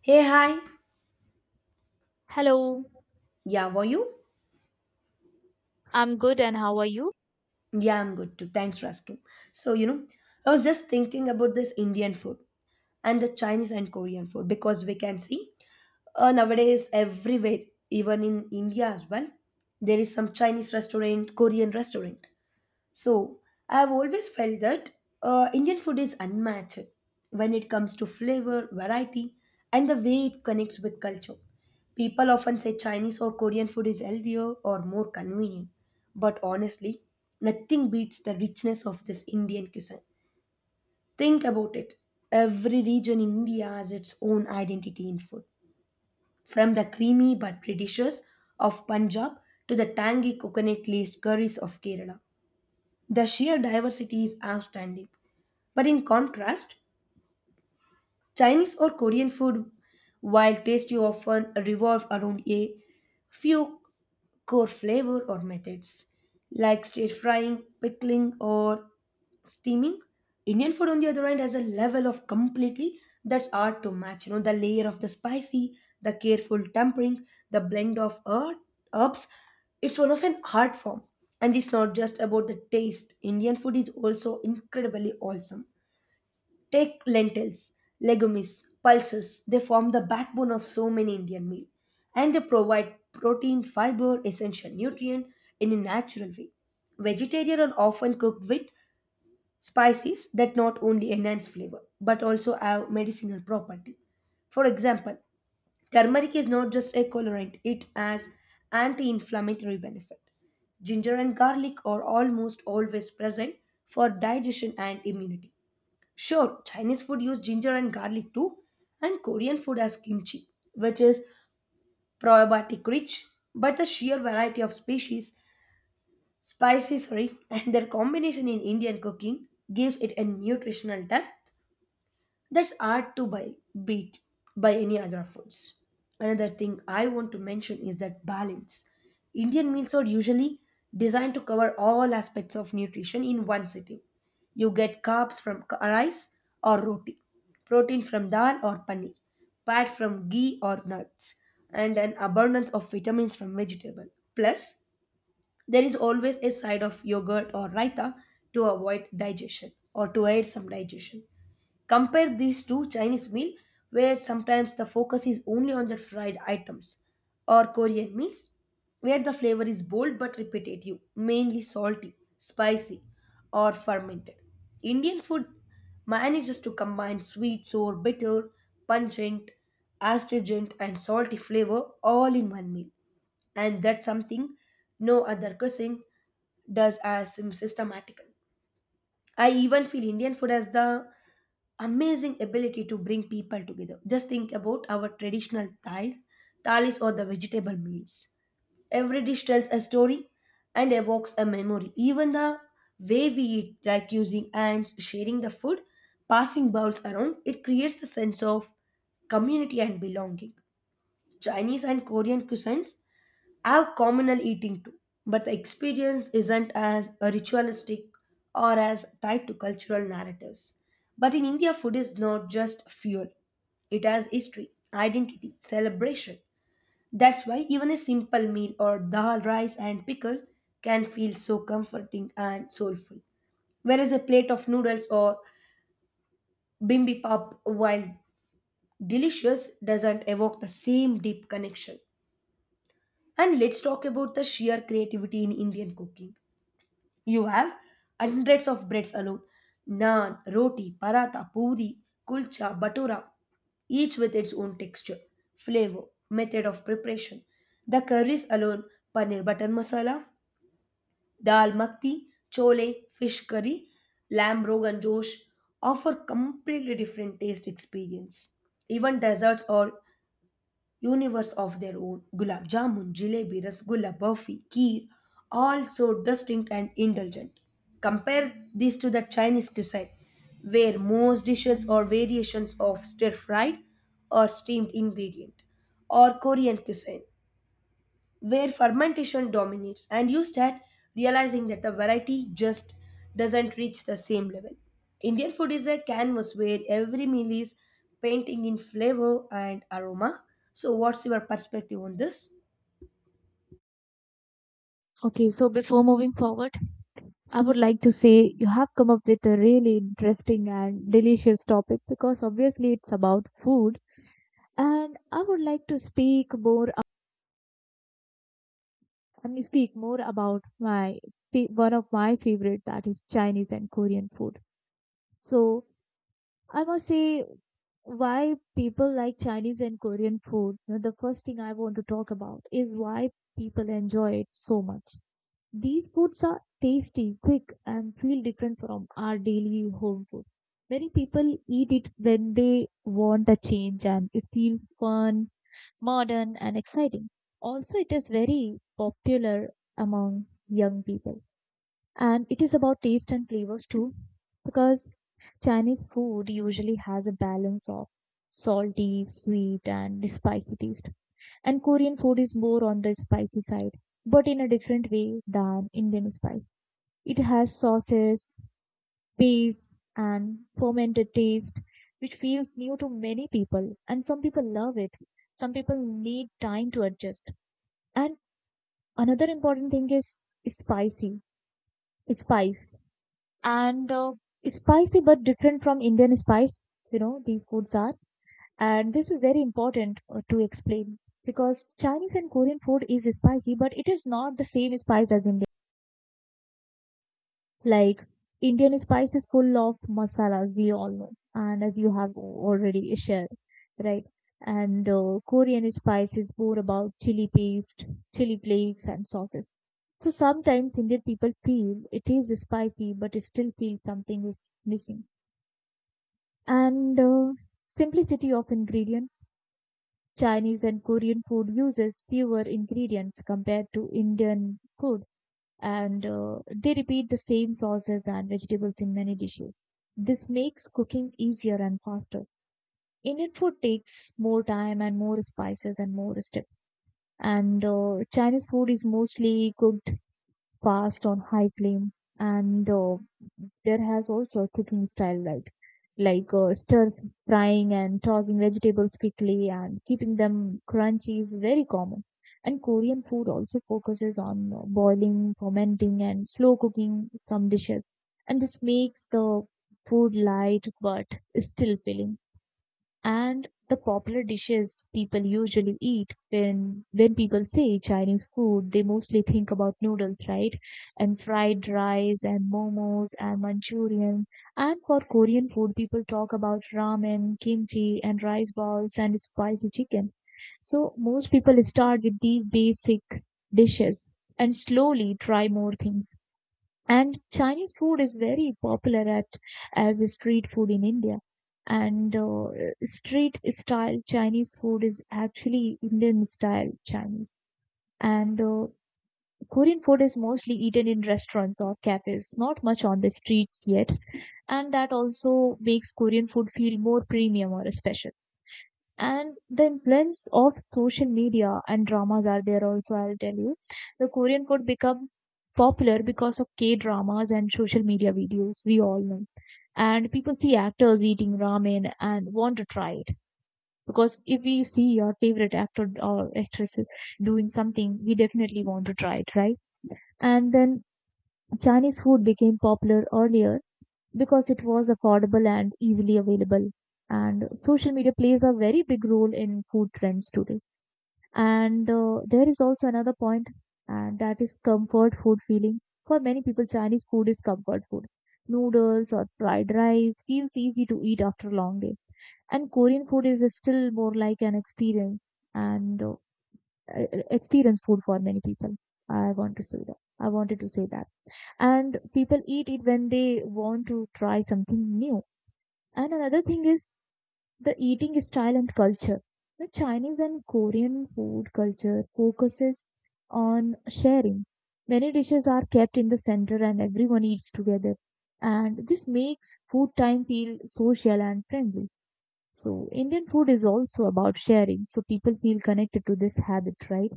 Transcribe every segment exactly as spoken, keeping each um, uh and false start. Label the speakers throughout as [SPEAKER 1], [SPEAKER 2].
[SPEAKER 1] Hey, hi.
[SPEAKER 2] Hello,
[SPEAKER 1] Yeah, were you?
[SPEAKER 2] I'm good and how are you?
[SPEAKER 1] Yeah, I'm good too. Thanks for asking. So, you know, I was just thinking about this Indian food and the Chinese and Korean food because we can see uh, nowadays everywhere, even in India as well, there is some Chinese restaurant, Korean restaurant. So, I have always felt that uh, Indian food is unmatched when it comes to flavor, variety, and the way it connects with culture. People often say Chinese or Korean food is healthier or more convenient, but honestly, nothing beats the richness of this Indian cuisine. Think about it. Every region in India has its own identity in food, from the creamy but pretty dishes of Punjab to the tangy coconut-laced curries of Kerala. The sheer diversity is outstanding. But in contrast, Chinese or Korean food, while tasty, often revolve around a few core flavor or methods like stir frying, pickling, or steaming. Indian food, on the other hand, has a level of completely that's hard to match. You know, the layer of the spicy, the careful tempering, the blend of herb- herbs. It's one of an art form, and it's not just about the taste. Indian food is also incredibly awesome. Take lentils, legumes, pulses. They form the backbone of so many Indian meal and they provide protein, fiber, essential nutrient in a natural way. Vegetarian are often cooked with spices that not only enhance flavor but also have medicinal property. For example, turmeric is not just a colorant, it has anti-inflammatory benefit. Ginger and garlic are almost always present for digestion and immunity. Sure, Chinese food use ginger and garlic too, and Korean food has kimchi, which is probiotic rich, but the sheer variety of species, spices, sorry, and their combination in Indian cooking gives it a nutritional depth that's hard to buy, beat by any other foods. Another thing I want to mention is that balance. Indian meals are usually designed to cover all aspects of nutrition in one sitting. You get carbs from k- rice or roti, protein from dal or paneer, fat from ghee or nuts, and an abundance of vitamins from vegetable. Plus, there is always a side of yogurt or raita to avoid digestion or to aid some digestion. Compare these to Chinese meal where sometimes the focus is only on the fried items or Korean meals where the flavor is bold but repetitive, mainly salty, spicy or fermented. Indian food manages to combine sweet, sour, bitter, pungent, astringent and salty flavor all in one meal and that's something no other cuisine does as systematically. I even feel Indian food as the amazing ability to bring people together. Just think about our traditional thais, thalis or the vegetable meals. Every dish tells a story and evokes a memory. Even the way we eat, like using hands, sharing the food, passing bowls around, it creates the sense of community and belonging. Chinese and Korean cuisines I have communal eating too, but the experience isn't as ritualistic or as tied to cultural narratives. But in India, food is not just fuel, it has history, identity, celebration. That's why even a simple meal or dal, rice, and pickle can feel so comforting and soulful. Whereas a plate of noodles or bibimbap, while delicious, doesn't evoke the same deep connection. And let's talk about the sheer creativity in Indian cooking. You have hundreds of breads alone: naan, roti, paratha, puri, kulcha, batura, each with its own texture, flavor, method of preparation. The curries alone, paneer butter masala, dal makhni, chole, fish curry, lamb rogan josh, offer completely different taste experience. Even desserts or universe of their own. Gulab jamun, jalebi, rasgulla, burfi, kheer, all so distinct and indulgent. Compare this to the Chinese cuisine, where most dishes are variations of stir-fried or steamed ingredient, or Korean cuisine, where fermentation dominates and you start realizing that the variety just doesn't reach the same level. Indian food is a canvas where every meal is painting in flavor and aroma. So, what's your perspective on this?
[SPEAKER 2] Okay, so before moving forward, I would like to say you have come up with a really interesting and delicious topic because obviously it's about food and I would like to speak more ab- I mean speak more about my fa- one of my favorite that is Chinese and Korean food. So I must say why people like Chinese and Korean food, you know, the first thing I want to talk about is why people enjoy it so much. These foods are tasty, quick, and feel different from our daily home food. Many people eat it when they want a change and it feels fun, modern, and exciting. Also, it is very popular among young people. And it is about taste and flavors too, because Chinese food usually has a balance of salty, sweet, and spicy taste. And Korean food is more on the spicy side, but in a different way than Indian spice. It has sauces, paste, and fermented taste, which feels new to many people. And some people love it. Some people need time to adjust. And another important thing is spicy, spice, and uh, spicy but different from Indian spice. You know, these foods are. And this is very important uh, to explain because Chinese and Korean food is spicy but it is not the same spice as Indian. Like Indian spice is full of masalas, we all know, and as you have already shared, right? and uh, Korean spice is more about chili paste, chili flakes and sauces. So sometimes Indian people feel it is spicy but still feel something is missing. And uh, Simplicity of ingredients. Chinese and Korean food uses fewer ingredients compared to Indian food, and uh, they repeat the same sauces and vegetables in many dishes. This makes cooking easier and faster. Indian food takes more time and more spices and more steps. And uh, Chinese food is mostly cooked fast on high flame, and uh, there has also a cooking style like like uh, stir frying and tossing vegetables quickly and keeping them crunchy is very common. And Korean food also focuses on uh, boiling, fermenting and slow cooking some dishes. And this makes the food light but still filling. And the popular dishes people usually eat, when when people say Chinese food, they mostly think about noodles, right? And fried rice and momos and Manchurian. And for Korean food, people talk about ramen, kimchi and rice balls and spicy chicken. So most people start with these basic dishes and slowly try more things. And Chinese food is very popular at as a street food in India. And uh, street style Chinese food is actually Indian style Chinese. And uh, Korean food is mostly eaten in restaurants or cafes, not much on the streets yet. And that also makes Korean food feel more premium or special. And the influence of social media and dramas are there also, I'll tell you. The Korean food become popular because of K dramas and social media videos, we all know. And people see actors eating ramen and want to try it, because if we see your favorite actor or actress doing something, we definitely want to try it, right? And then Chinese food became popular earlier because it was affordable and easily available. And social media plays a very big role in food trends today. And uh, there is also another point, and that is comfort food feeling. For many people, Chinese food is comfort food. Noodles or fried rice feels easy to eat after a long day. And Korean food is still more like an experience and uh, e- e- experience food for many people. I want to say that. I wanted to say that. And people eat it when they want to try something new. And another thing is the eating style and culture. The Chinese and Korean food culture focuses on sharing. Many dishes are kept in the center and everyone eats together. And this makes food time feel social and friendly. So Indian food is also about sharing. So people feel connected to this habit, right?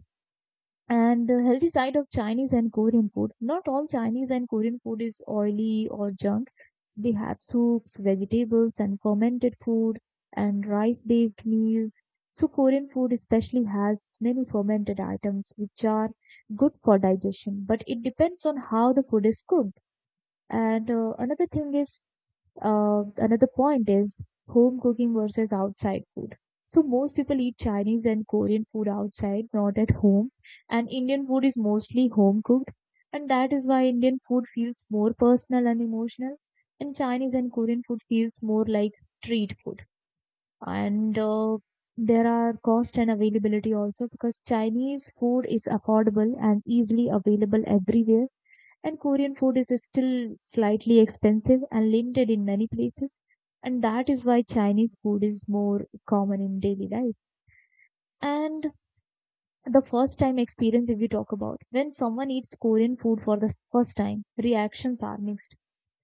[SPEAKER 2] And the healthy side of Chinese and Korean food. Not all Chinese and Korean food is oily or junk. They have soups, vegetables, and fermented food, and rice based meals. So, Korean food especially has many fermented items which are good for digestion, but it depends on how the food is cooked. And uh, another thing is uh, another point is home cooking versus outside food. So most people eat Chinese and Korean food outside, not at home. And Indian food is mostly home cooked. And that is why Indian food feels more personal and emotional. And Chinese and Korean food feels more like street food. And uh, there are cost and availability also, because Chinese food is affordable and easily available everywhere and Korean food is still slightly expensive and limited in many places. And that is why Chinese food is more common in daily life. And the first time experience, if we talk about when someone eats Korean food for the first time, reactions are mixed.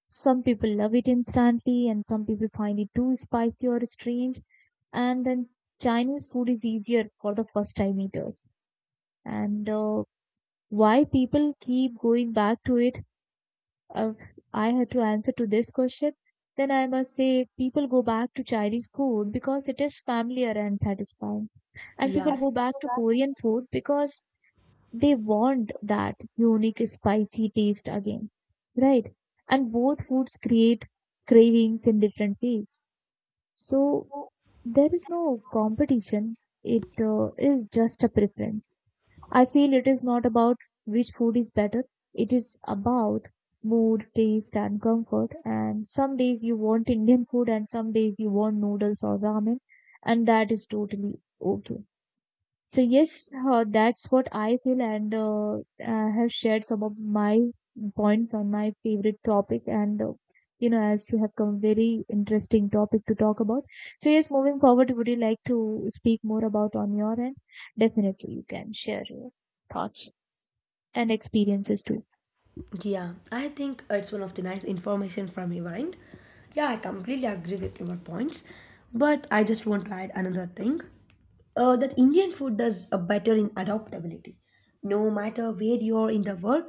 [SPEAKER 2] Some people love it instantly, and some people find it too spicy or strange. And then Chinese food is easier for the first time eaters. And uh, why people keep going back to it, if I had to answer to this question, then I must say people go back to Chinese food because it is familiar and satisfying. And people
[SPEAKER 1] Yeah,
[SPEAKER 2] go back to Korean food because they want that unique spicy taste again, right? And both foods create cravings in different ways. So there is no competition. It uh, is just a preference. I feel it is not about which food is better, it is about mood, taste, and comfort. And some days you want Indian food, and some days you want noodles or ramen, and that is totally okay. So yes, uh, that's what I feel, and uh, I have shared some of my points on my favorite topic. And uh, you know, as you have come very interesting topic to talk about. So yes, moving forward, would you like to speak more about on your end? Definitely, you can share your thoughts and experiences too.
[SPEAKER 1] yeah, I think it's one of the nice information from your end. Yeah, I completely agree with your points, but I just want to add another thing. Uh, that Indian food does uh, better in adaptability. No matter where you are in the world,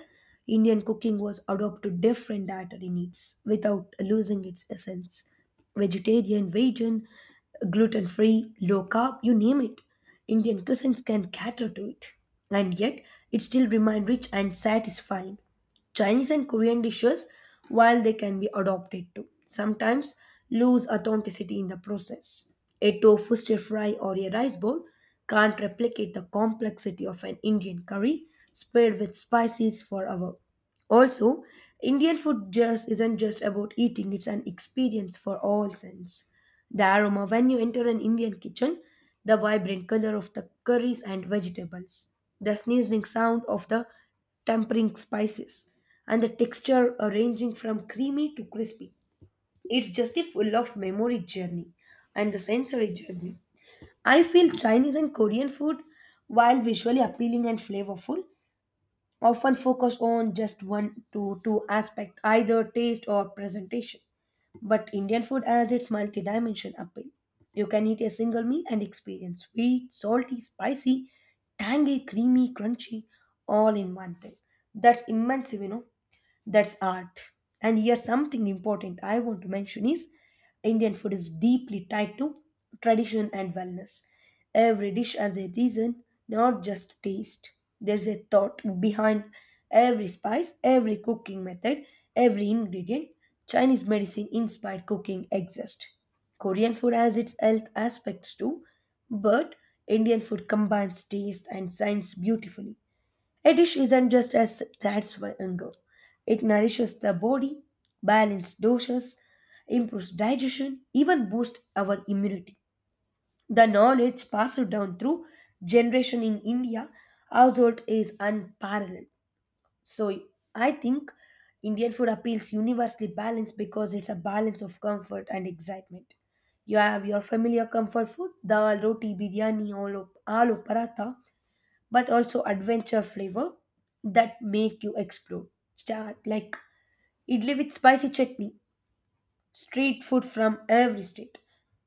[SPEAKER 1] Indian cooking was adapted to different dietary needs without losing its essence. Vegetarian, vegan, gluten free, low carb, you name it. Indian cuisines can cater to it. And yet, it still remains rich and satisfying. Chinese and Korean dishes, while they can be adopted too, sometimes lose authenticity in the process. A tofu stir fry or a rice bowl can't replicate the complexity of an Indian curry spread with spices forever. Also, Indian food just isn't just about eating, it's an experience for all sense. The aroma when you enter an Indian kitchen, the vibrant color of the curries and vegetables, the sneezing sound of the tempering spices, and the texture uh, ranging from creamy to crispy. It's just a full of memory journey and the sensory journey. I feel Chinese and Korean food, while visually appealing and flavorful, often focus on just one to two aspect, either taste or presentation. But Indian food has its multi-dimension appeal. You can eat a single meal and experience sweet, salty, spicy, tangy, creamy, crunchy, all in one thing. That's immense, you know, that's art. And here something important I want to mention is Indian food is deeply tied to tradition and wellness. Every dish has a reason, not just taste. There's a thought behind every spice, every cooking method, every ingredient. Chinese medicine inspired cooking exists, Korean food has its health aspects too, but Indian food combines taste and science beautifully. A dish isn't just a s- satisfy hunger. It nourishes the body, balances doses, improves digestion, even boosts our immunity. The knowledge passed down through generation in India household is unparalleled. So I think Indian food appeals universally balanced because it's a balance of comfort and excitement. You have your familiar comfort food, dal, roti, biryani, aloo, aloo paratha, but also adventure flavor that make you explore. Start like idli with spicy chutney, street food from every state.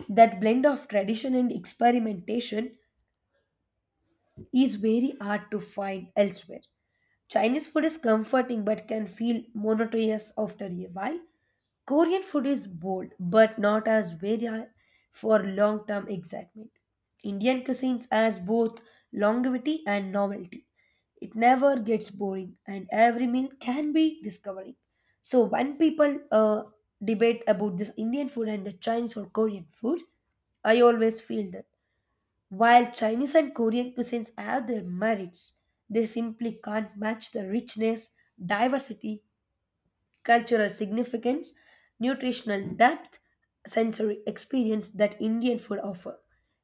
[SPEAKER 1] That blend of tradition and experimentation is very hard to find elsewhere. Chinese food is comforting but can feel monotonous after a while. Korean food is bold but not as very for long term excitement. Indian cuisines has both longevity and novelty. It never gets boring and every meal can be discovering. So when people uh, debate about this Indian food and the Chinese or Korean food, I always feel that while Chinese and Korean cuisines have their merits, they simply can't match the richness, diversity, cultural significance, nutritional depth, sensory experience that Indian food offer.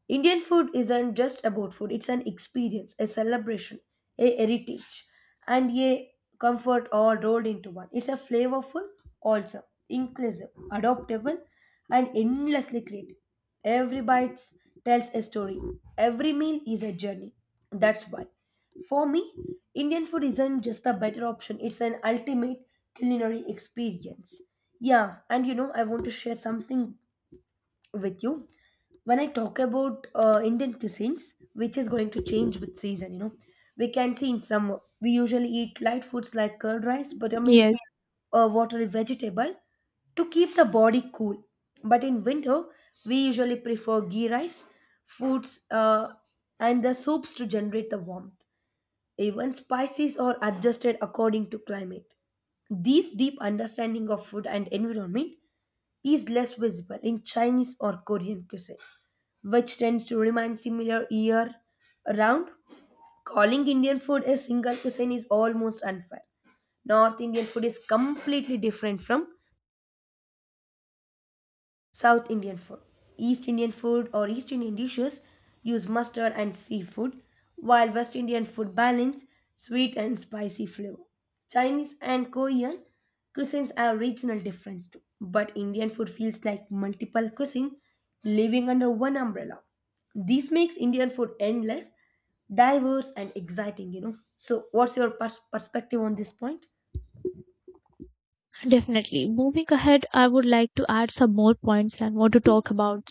[SPEAKER 1] Indian food isn't just about food, it's an experience, a celebration, a heritage, and a comfort all rolled into one. It's a flavorful, also inclusive, adaptable, and endlessly creative. Every bite tells a story. Every meal is a journey. That's why for me, Indian food isn't just a better option, it's an ultimate culinary experience. Yeah, and you know, I want to share something with you. When I talk about uh, Indian cuisines, which is going to change with season, you know, we can see in summer, we usually eat light foods like curd rice, buttermilk,
[SPEAKER 2] Yes,
[SPEAKER 1] or watery vegetable to keep the body cool. But in winter, we usually prefer ghee rice, foods, uh, and the soups to generate the warmth. Even spices are adjusted according to climate. This deep understanding of food and environment is less visible in Chinese or Korean cuisine, which tends to remain similar year round. Calling Indian food a single cuisine is almost unfair. North Indian food is completely different from South Indian food. East Indian food or East Indian dishes use mustard and seafood, while West Indian food balance sweet and spicy flavor. Chinese and Korean cuisines have regional difference too, but Indian food feels like multiple cuisine living under one umbrella. This makes Indian food endless, diverse, and exciting. You know. So, what's your pers- perspective on this point?
[SPEAKER 2] definitely. Moving ahead, I would like to add some more points and want to talk about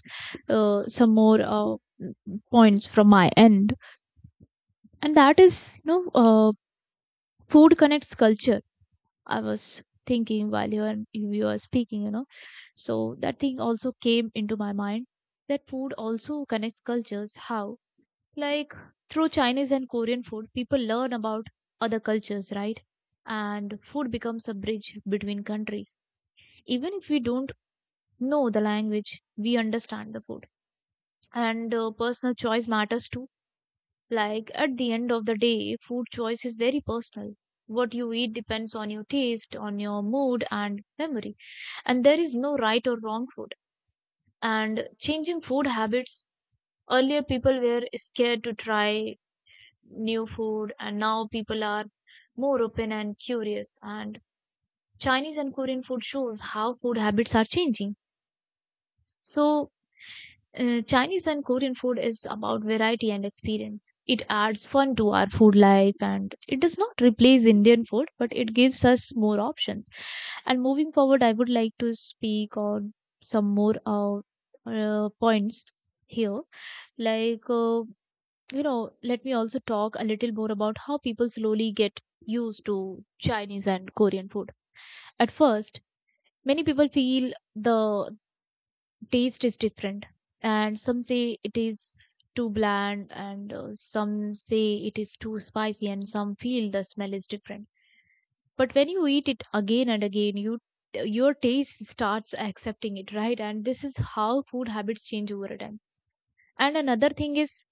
[SPEAKER 2] uh, some more uh, points from my end. And that is, you know, uh, food connects culture. I was thinking while you were, you were speaking, you know. So that thing also came into my mind that food also connects cultures. How? Like through Chinese and Korean food, people learn about other cultures, right? And food becomes a bridge between countries. Even if we don't know the language, we understand the food. And uh, personal choice matters too. Like at the end of the day, food choice is very personal. What you eat depends on your taste, on your mood and memory. And there is no right or wrong food. And changing food habits, earlier people were scared to try new food and now people are more open and curious. And Chinese and Korean food shows how food habits are changing. So Uh, Chinese and Korean food is about variety and experience. It adds fun to our food life and it does not replace Indian food, but it gives us more options. And moving forward, I would like to speak on some more uh, uh, points here. Like, uh, you know, let me also talk a little more about how people slowly get used to Chinese and Korean food. At first, many people feel the taste is different and some say it is too bland and uh, some say it is too spicy and some feel the smell is different. But when you eat it again and again, you your taste starts accepting it, right? And this is how food habits change over time. And another thing is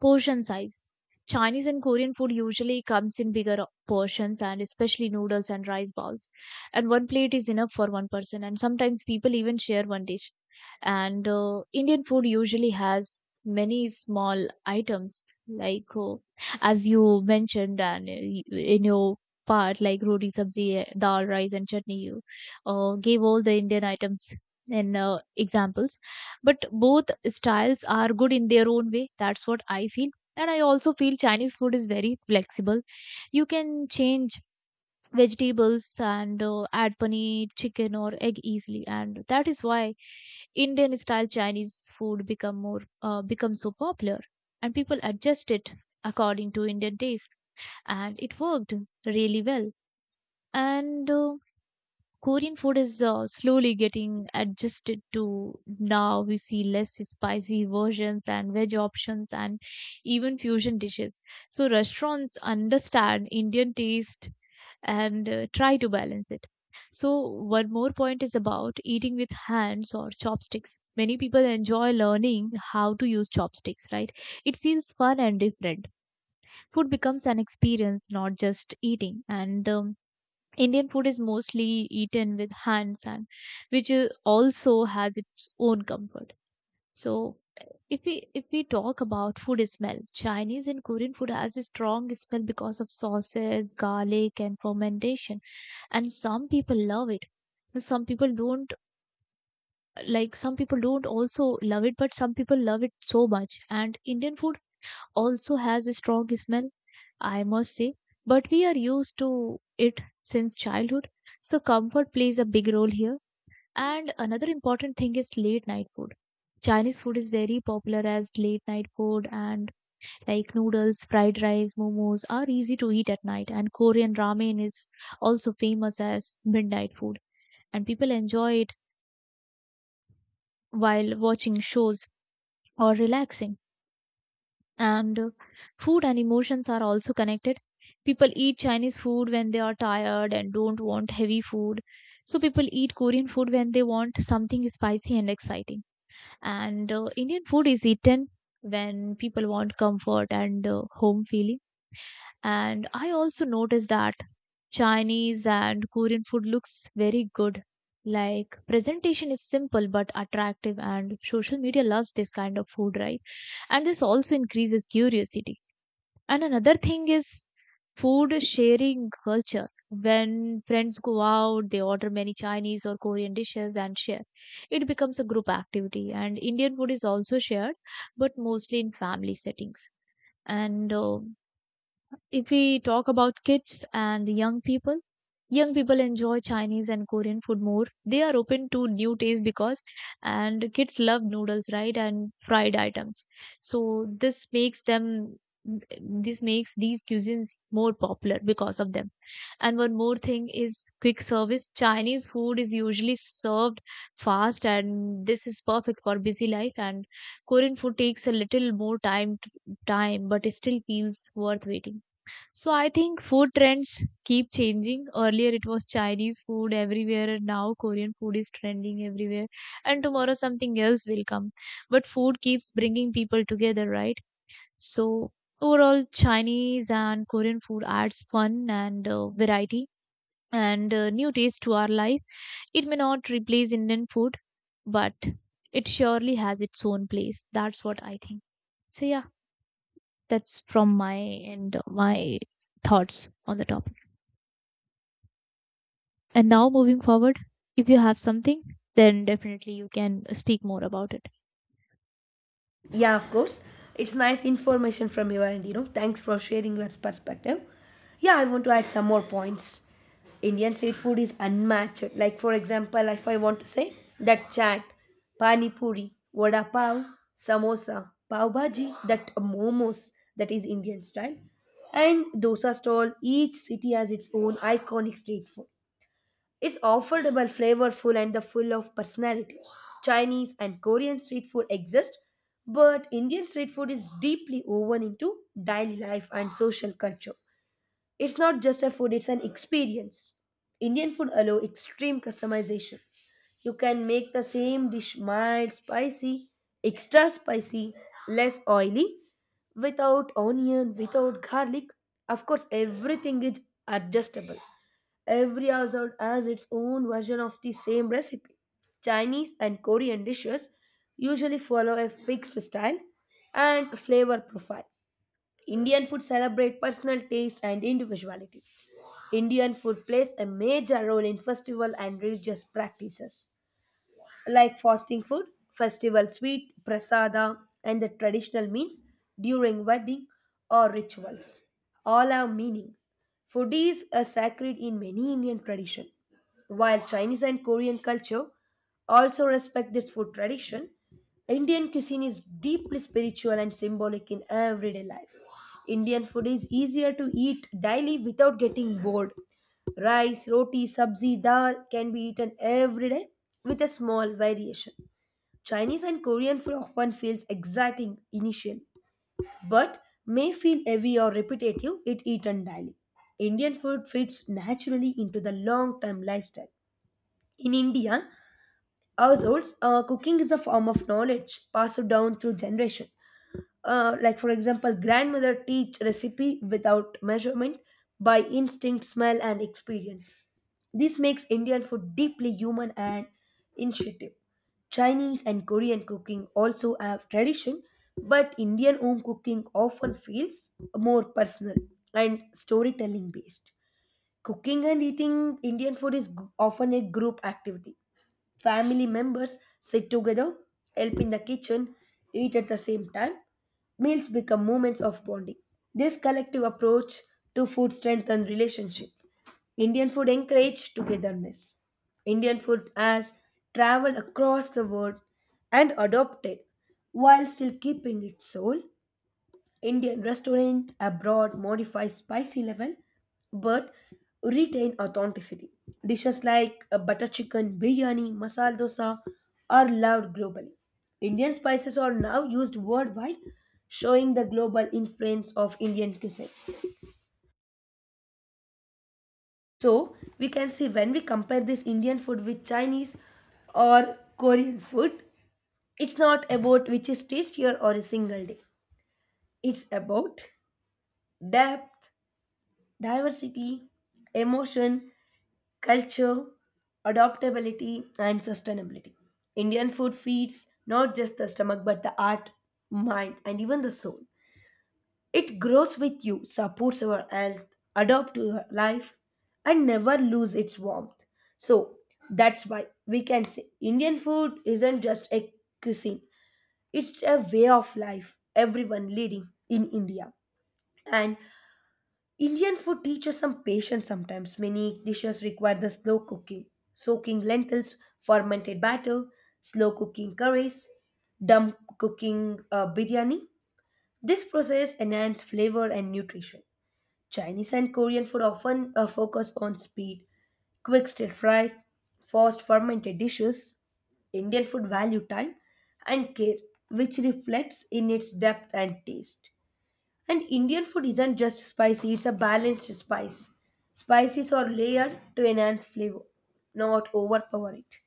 [SPEAKER 2] portion size. Chinese and Korean food usually comes in bigger portions and especially noodles and rice balls. And one plate is enough for one person. And sometimes people even share one dish. And uh, Indian food usually has many small items, like uh, as you mentioned, and uh, y- in your part, like roti, sabzi, eh, dal, rice, and chutney, you uh, gave all the Indian items in uh, examples. But both styles are good in their own way, that's what I feel. And I also feel Chinese food is very flexible, you can change vegetables and uh, add paneer, chicken or egg easily, and that is why Indian style Chinese food become more uh, become so popular. And people adjust it according to Indian taste, and it worked really well. And uh, Korean food is uh, slowly getting adjusted to, now we see less spicy versions and veg options and even fusion dishes. So restaurants understand Indian taste and uh, try to balance it. So one more point is about eating with hands or chopsticks. Many people enjoy learning how to use chopsticks, right? It feels fun and different. Food becomes an experience, not just eating. And um, Indian food is mostly eaten with hands and which is also has its own comfort. So if we if we talk about food smell, Chinese and Korean food has a strong smell because of sauces, garlic and fermentation. And some people love it. Some people don't like, some people don't also love it, but some people love it so much. And Indian food also has a strong smell, I must say, but we are used to it since childhood. So comfort plays a big role here. And another important thing is late night food. Chinese food is very popular as late night food, and like noodles, fried rice, momos are easy to eat at night. And Korean ramen is also famous as midnight food, and people enjoy it while watching shows or relaxing. And uh, food and emotions are also connected. People eat Chinese food when they are tired and don't want heavy food. So people eat Korean food when they want something spicy and exciting. And uh, Indian food is eaten when people want comfort and uh, home feeling. And I also noticed that Chinese and Korean food looks very good, like presentation is simple but attractive, and social media loves this kind of food, right? And this also increases curiosity. And another thing is food sharing culture. When friends go out, they order many Chinese or Korean dishes and share. It becomes a group activity. And Indian food is also shared, but mostly in family settings. And uh, if we talk about kids and young people, young people enjoy Chinese and Korean food more. They are open to new tastes because, and kids love noodles, right? And fried items. So this makes them, this makes these cuisines more popular because of them. And one more thing is quick service. Chinese food is usually served fast, and this is perfect for busy life. And Korean food takes a little more time to time, but it still feels worth waiting. So I think food trends keep changing. Earlier it was Chinese food everywhere, and now Korean food is trending everywhere, and tomorrow something else will come. But food keeps bringing people together, right? So overall, Chinese and Korean food adds fun and uh, variety and uh, new taste to our life. It may not replace Indian food, but it surely has its own place. That's what I think. So yeah, that's from my end, uh, my thoughts on the topic. And now, moving forward, if you have something, then definitely you can speak more about it.
[SPEAKER 1] Yeah, of course. It's nice information from you, and you know. Thanks for sharing your perspective. Yeah, I want to add some more points. Indian street food is unmatched. Like, for example, if I want to say that chaat, pani puri, vada pav, samosa, pav bhaji, that momos, that is Indian style. And dosa stall, each city has its own iconic street food. It's affordable, flavorful, and the full of personality. Chinese and Korean street food exist, but Indian street food is deeply woven into daily life and social culture. It's not just a food, it's an experience. Indian food allows extreme customization. You can make the same dish mild, spicy, extra spicy, less oily, without onion, without garlic. Of course, everything is adjustable. Every household has its own version of the same recipe. Chinese and Korean dishes usually follow a fixed style and flavor profile. Indian food celebrates personal taste and individuality. Indian food plays a major role in festival and religious practices like fasting food, festival sweet, prasada, and the traditional means during wedding or rituals. All have meaning. Food is a sacred in many Indian tradition. While Chinese and Korean culture also respect this food tradition, Indian cuisine is deeply spiritual and symbolic in everyday life. Indian food is easier to eat daily without getting bored. Rice, roti, sabzi, dal can be eaten every day with a small variation. Chinese and Korean food often feels exciting initially, but may feel heavy or repetitive if eaten daily. Indian food fits naturally into the long term lifestyle. In India, households, uh, cooking is a form of knowledge passed down through generation, uh, like for example grandmother teach recipe without measurement by instinct smell and experience. This makes Indian food deeply human and intuitive. Chinese and Korean cooking also have tradition, but Indian home cooking often feels more personal and storytelling based. Cooking and eating Indian food is g- often a group activity. Family members sit together, help in the kitchen, eat at the same time. Meals become moments of bonding. This collective approach to food strengthens relationship. Indian food encourages togetherness. Indian food has traveled across the world and adopted while still keeping its soul. Indian restaurant abroad modify spicy level but retain authenticity. Dishes like uh, butter chicken, biryani, masala dosa are loved globally. Indian spices are now used worldwide, showing the global influence of Indian cuisine. So, we can see when we compare this Indian food with Chinese or Korean food, it's not about which is tastier or a single day. It's about depth, diversity, emotion, culture, adaptability, and sustainability. Indian food feeds not just the stomach but the heart, mind, and even the soul. It grows with you, supports your health, adapts to your life, and never lose its warmth. So that's why we can say Indian food isn't just a cuisine, it's a way of life everyone leading in India. And Indian food teaches some patience sometimes. Many dishes require the slow cooking, soaking lentils, fermented batter, slow cooking curries, dumb cooking uh, biryani. This process enhances flavor and nutrition. Chinese and Korean food often uh, focus on speed, quick stir fries, fast fermented dishes. Indian food value time and care, which reflects in its depth and taste. And Indian food isn't just spicy, it's a balanced spice. Spices are layered to enhance flavor, not overpower it.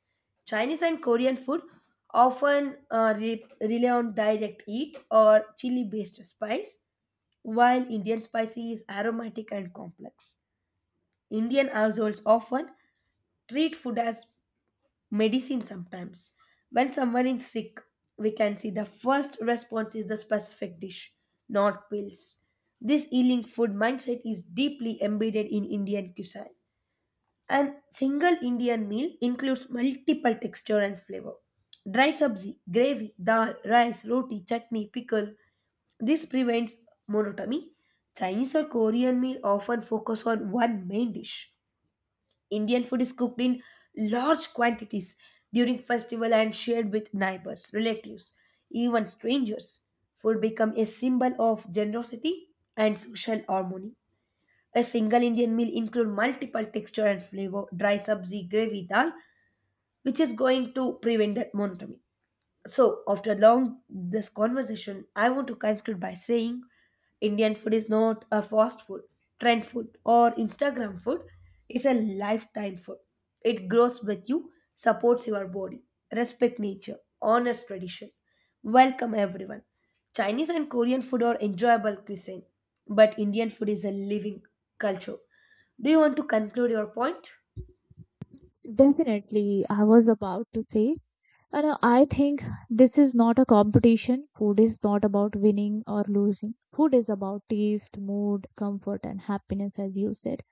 [SPEAKER 1] Chinese and Korean food often uh, re- rely on direct heat or chili based spice, while Indian spicy is aromatic and complex. Indian households often treat food as medicine sometimes. When someone is sick, we can see the first response is the specific dish, not pills. This healing food mindset is deeply embedded in Indian cuisine. And single Indian meal includes multiple texture and flavor. Dry sabzi, gravy, dal, rice, roti, chutney, pickle. This prevents monotony. Chinese or Korean meal often focus on one main dish. Indian food is cooked in large quantities during festival and shared with neighbors, relatives, even strangers. Food become a symbol of generosity and social harmony. A single Indian meal include multiple texture and flavor, dry sabzi, gravy, dal, which is going to prevent that monotony. So, after long this conversation, I want to conclude by saying Indian food is not a fast food, trend food, or Instagram food. It's a lifetime food. It grows with you, supports your body, respect nature, honors tradition. Welcome everyone. Chinese and Korean food are enjoyable cuisine, but Indian food is a living culture. Do you want to conclude your point?
[SPEAKER 2] Definitely, I was about to say, and uh, I think this is not a competition. Food is not about winning or losing. Food is about taste, mood, comfort, and happiness, as you said.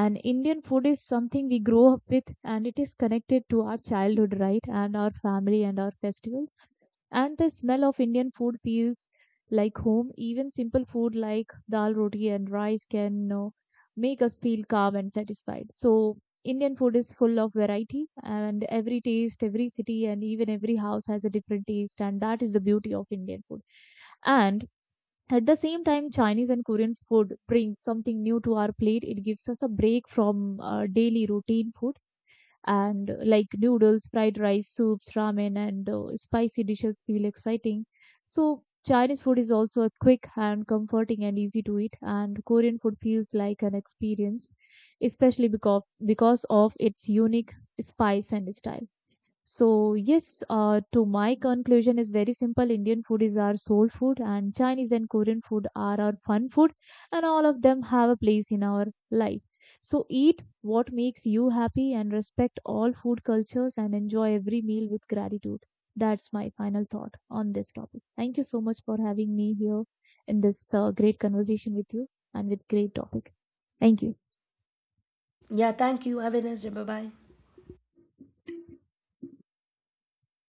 [SPEAKER 2] And Indian food is something we grow up with, and it is connected to our childhood, right? And our family and our festivals. And the smell of Indian food feels like home. Even simple food like dal, roti and rice can, you know, make us feel calm and satisfied. So Indian food is full of variety and every taste, every city and even every house has a different taste, and that is the beauty of Indian food. And at the same time, Chinese and Korean food brings something new to our plate. It gives us a break from uh, daily routine food. And uh, like noodles, fried rice, soups, ramen, and uh, spicy dishes feel exciting. So Chinese food is also a quick and comforting and easy to eat. And Korean food feels like an experience, especially because, because of its unique spice and style. So yes, uh, to my conclusion is very simple. Indian food is our soul food, and Chinese and Korean food are our fun food, and all of them have a place in our life. So eat what makes you happy and respect all food cultures and enjoy every meal with gratitude. That's my final thought on this topic. Thank you so much for having me here in this uh, great conversation with you and with great topic. Thank you.
[SPEAKER 1] Yeah, thank you. Have a nice day. Bye bye.